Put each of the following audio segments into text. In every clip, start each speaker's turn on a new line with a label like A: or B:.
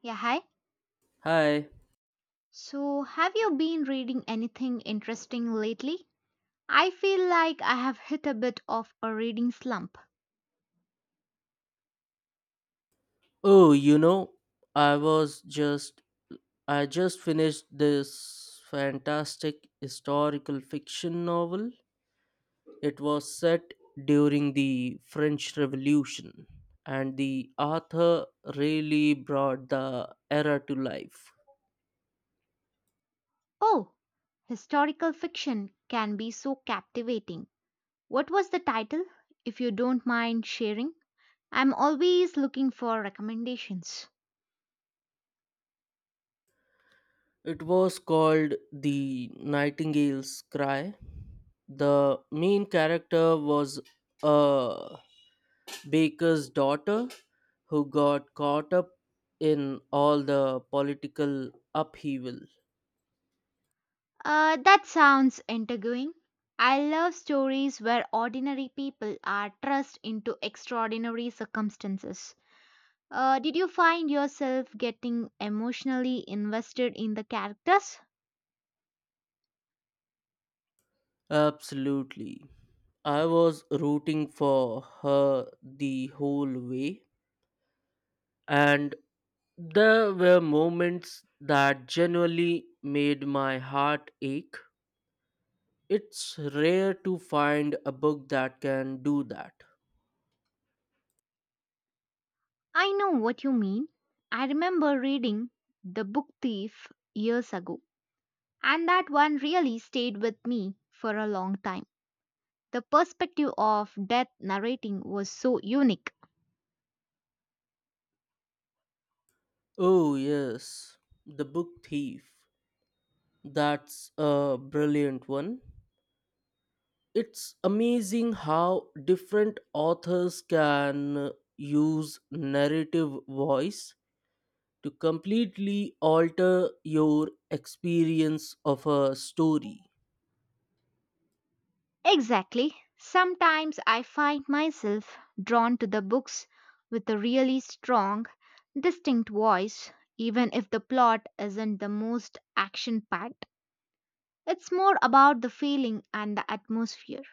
A: Yeah, hi.
B: Hi.
A: So, have you been reading anything interesting lately? I feel like I have hit a bit of a reading slump.
B: Oh, you know, I was just I just finished this fantastic historical fiction novel. It was set during the French Revolution, and the author really brought the era to life.
A: Oh, historical fiction can be so captivating. What was the title, if you don't mind sharing? I'm always looking for recommendations.
B: It was called The Nightingale's Cry. The main character was a Baker's daughter, who got caught up in all the political upheaval.
A: That sounds intriguing. I love stories where ordinary people are thrust into extraordinary circumstances. Did you find yourself getting emotionally invested in the characters?
B: Absolutely. I was rooting for her the whole way, and there were moments that genuinely made my heart ache. It's rare to find a book that can do that.
A: I know what you mean. I remember reading The Book Thief years ago, and that one really stayed with me for a long time. The perspective of death narrating was so unique.
B: Oh, yes, The Book Thief. That's a brilliant one. It's amazing how different authors can use narrative voice to completely alter your experience of a story.
A: Exactly. Sometimes I find myself drawn to the books with a really strong, distinct voice, even if the plot isn't the most action packed. It's more about the feeling and the atmosphere.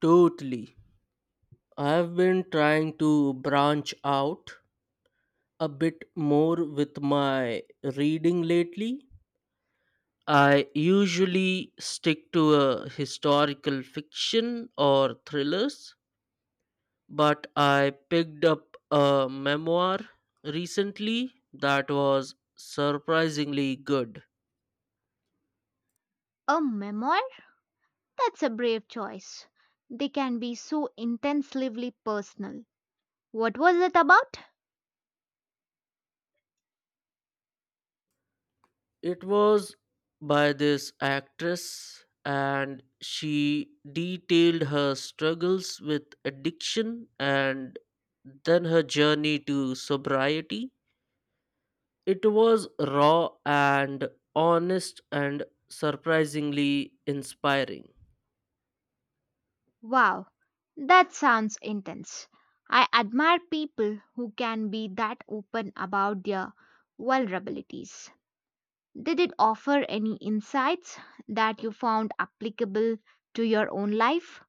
B: Totally. I have been trying to branch out a bit more with my reading lately. I usually stick to a historical fiction or thrillers, but I picked up a memoir recently that was surprisingly good.
A: A memoir? That's a brave choice. They can be so intensely personal. What was it about?
B: It was by this actress, and she detailed her struggles with addiction and then her journey to sobriety. It was raw and honest and surprisingly inspiring.
A: Wow, that sounds intense. I admire people who can be that open about their vulnerabilities. Did it offer any insights that you found applicable to your own life,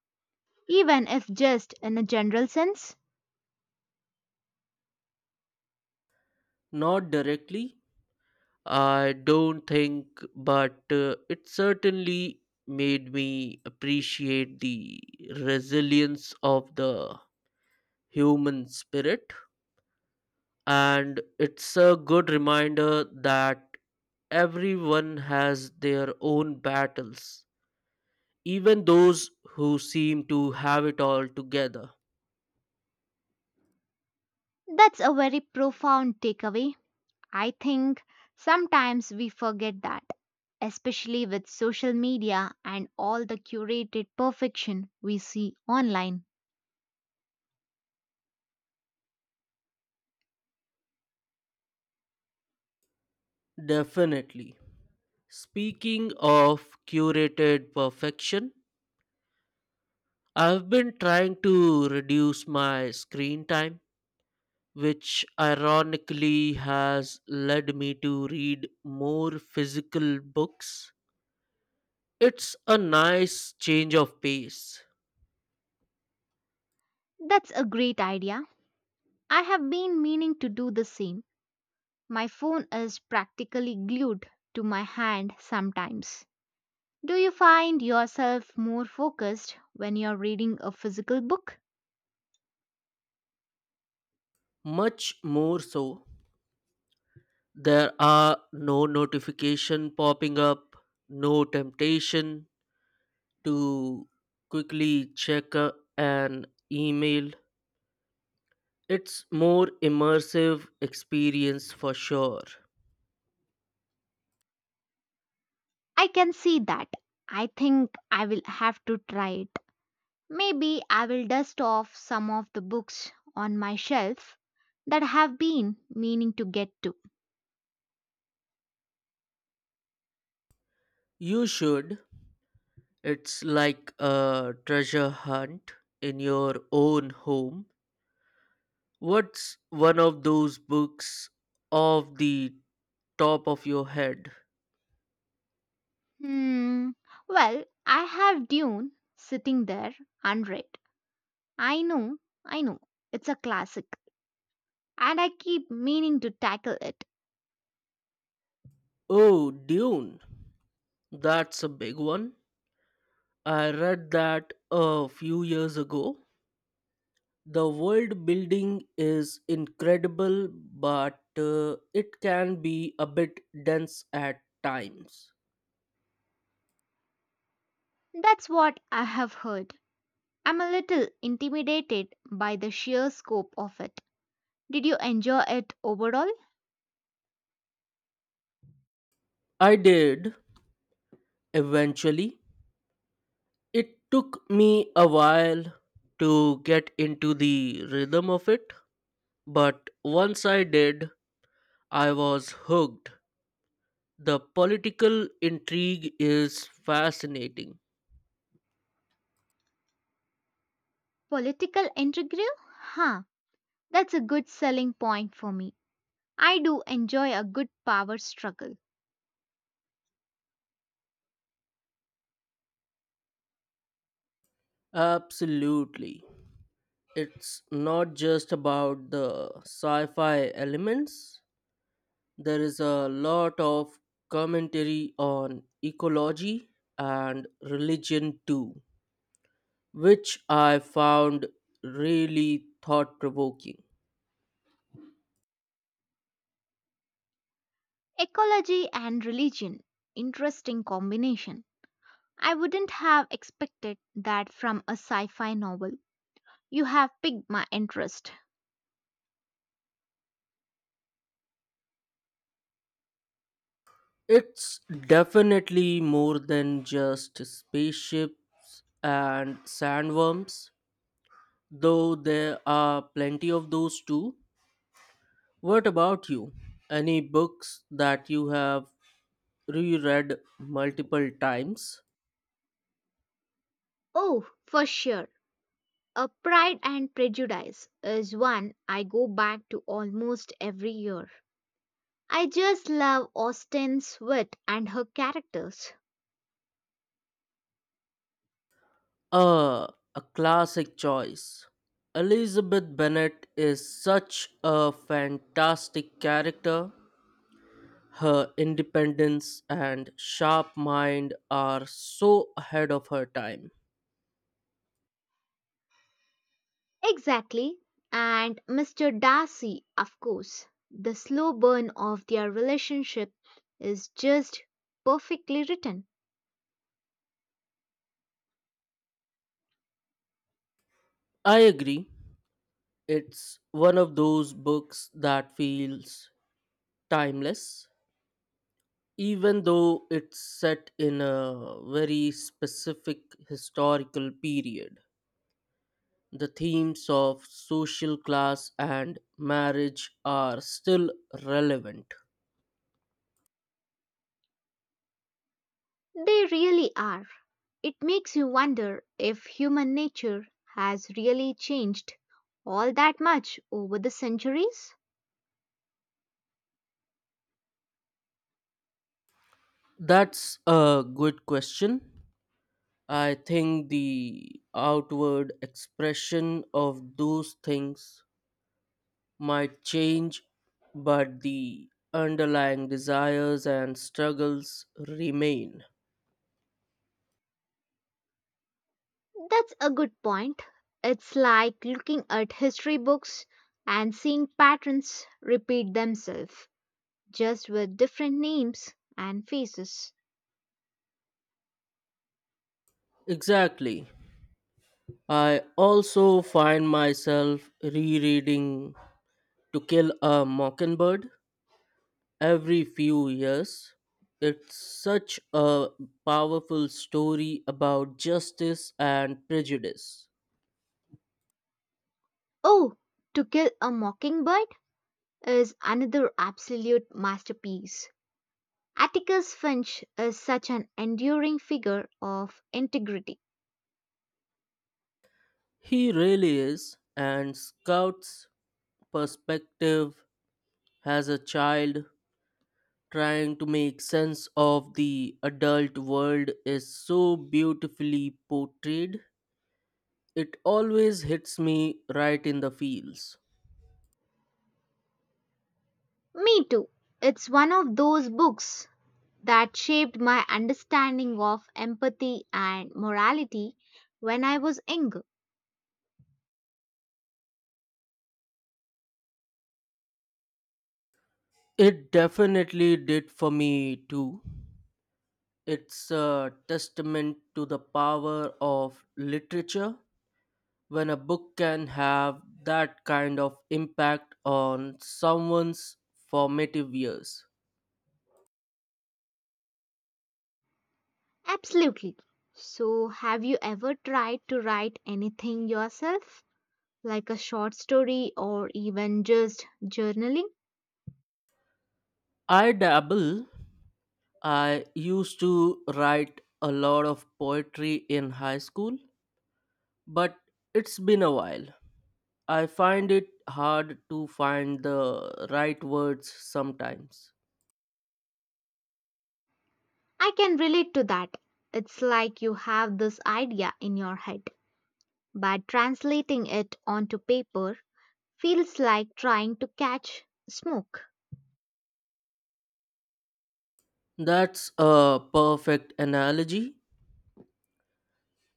A: even if just in a general sense?
B: Not directly I don't think, but it certainly made me appreciate the resilience of the human spirit. And it's a good reminder that everyone has their own battles, even those who seem to have it all together.
A: That's a very profound takeaway. I think sometimes we forget that, especially with social media and all the curated perfection we see online.
B: Definitely. Speaking of curated perfection, I've been trying to reduce my screen time, which ironically has led me to read more physical books. It's a nice change of pace,
A: That's a great idea. I have been meaning to do the same. My phone is practically glued to my hand sometimes. Do you find yourself more focused when you're reading a physical book?
B: much more so. There are no notification popping up, no temptation to quickly check an email. It's more immersive experience for sure.
A: I can see that. I think I will have to try it. Maybe I will dust off some of the books on my shelf that I have been meaning to get to.
B: You should. It's like a treasure hunt in your own home. What's one of those books off the top of your head?
A: Hmm. Well, I have Dune sitting there unread. I know, I know, it's a classic, and I keep meaning to tackle it.
B: Oh, Dune. That's a big one. I read that a few years ago. The world building is incredible, but it can be a bit dense at times.
A: That's what I have heard. I'm a little intimidated by the sheer scope of it. Did you enjoy it overall?
B: I did eventually. It took me a while to get into the rhythm of it, but once I did, I was hooked. The political intrigue is fascinating.
A: Political intrigue? Huh. That's a good selling point for me. I do enjoy a good power struggle.
B: Absolutely. It's not just about the sci fi elements, there is a lot of commentary on ecology and religion too, which I found really thought provoking.
A: Ecology and religion. Interesting combination. I wouldn't have expected that from a sci fi novel. You have piqued my interest.
B: It's definitely more than just spaceships and sandworms, though there are plenty of those too. What about you? Any books that you have reread multiple times?
A: Oh, for sure. A Pride and Prejudice is one I go back to almost every year. I just love Austen's wit and her characters.
B: Uh, a classic choice. Elizabeth Bennet is such a fantastic character. Her independence and sharp mind are so ahead of her time.
A: Exactly. And Mr. Darcy, of course. The slow burn of their relationship is just perfectly written.
B: I agree. It's one of those books that feels timeless, even though it's set in a very specific historical period. The themes of social class and marriage are still relevant.
A: They really are. It makes you wonder if human nature has really changed all that much over the centuries.
B: That's a good question. I think the outward expression of those things might change, but the underlying desires and struggles remain.
A: That's a good point. It's like looking at history books and seeing patterns repeat themselves, just with different names and faces.
B: Exactly. I also find myself rereading To Kill a Mockingbird every few years. It's such a powerful story about justice and prejudice.
A: Oh, To Kill a Mockingbird is another absolute masterpiece. Atticus Finch is such an enduring figure of integrity.
B: He really is, and Scout's perspective as a child trying to make sense of the adult world is so beautifully portrayed. It always hits me right in the feels.
A: Me too. It's one of those books that shaped my understanding of empathy and morality when I was younger.
B: It definitely did for me too. It's a testament to the power of literature when a book can have that kind of impact on someone's formative years.
A: Absolutely. So, have you ever tried to write anything yourself, like a short story or even just journaling?
B: I dabble, I used to write a lot of poetry in high school, but it's been a while. I find it hard to find the right words sometimes.
A: I can relate to that. It's like you have this idea in your head, but translating it onto paper feels like trying to catch smoke.
B: That's a perfect analogy.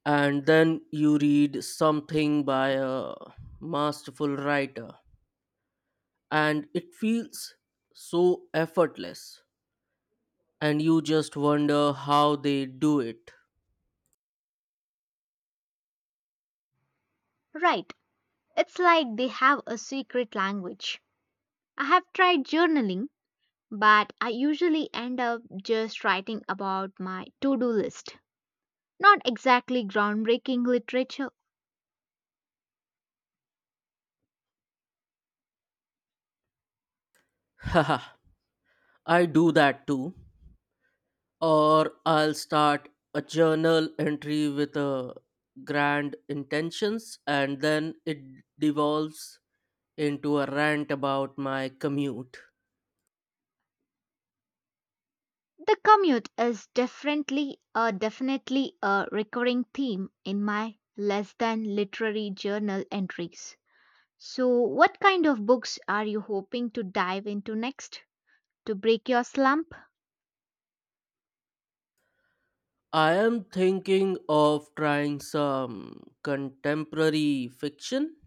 B: And then you read something by a masterful writer, and it feels so effortless, and you just wonder how they do it.
A: Right. It's like they have a secret language. I have tried journaling, but I usually end up just writing about my to do list. Not exactly groundbreaking literature.
B: Haha, I do that too. Or I'll start a journal entry with a grand intentions and then it devolves into a rant about my commute.
A: The commute is definitely a recurring theme in my less than literary journal entries. So, what kind of books are you hoping to dive into next to break your slump?
B: I am thinking of trying some contemporary fiction,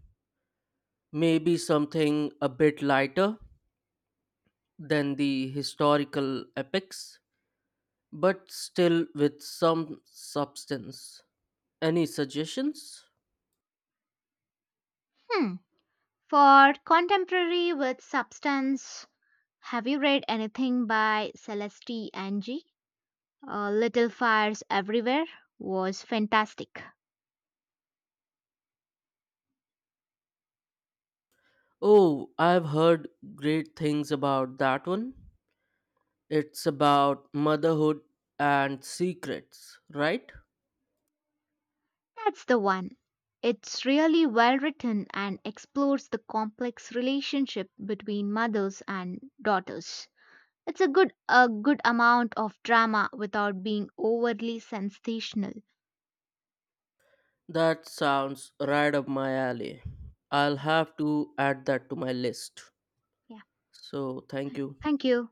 B: maybe something a bit lighter than the historical epics, but still with some substance. Any suggestions?
A: Hmm. For contemporary with substance, have you read anything by Celeste Angie? Little Fires Everywhere was fantastic.
B: Oh, I've heard great things about that one. It's about motherhood and secrets, right?
A: That's the one. It's really well written and explores the complex relationship between mothers and daughters. It's a good amount of drama without being overly sensational.
B: That sounds right up my alley. I'll
A: Yeah.
B: have to add that to my list.
A: Yeah.
B: So, thank you.
A: Thank you.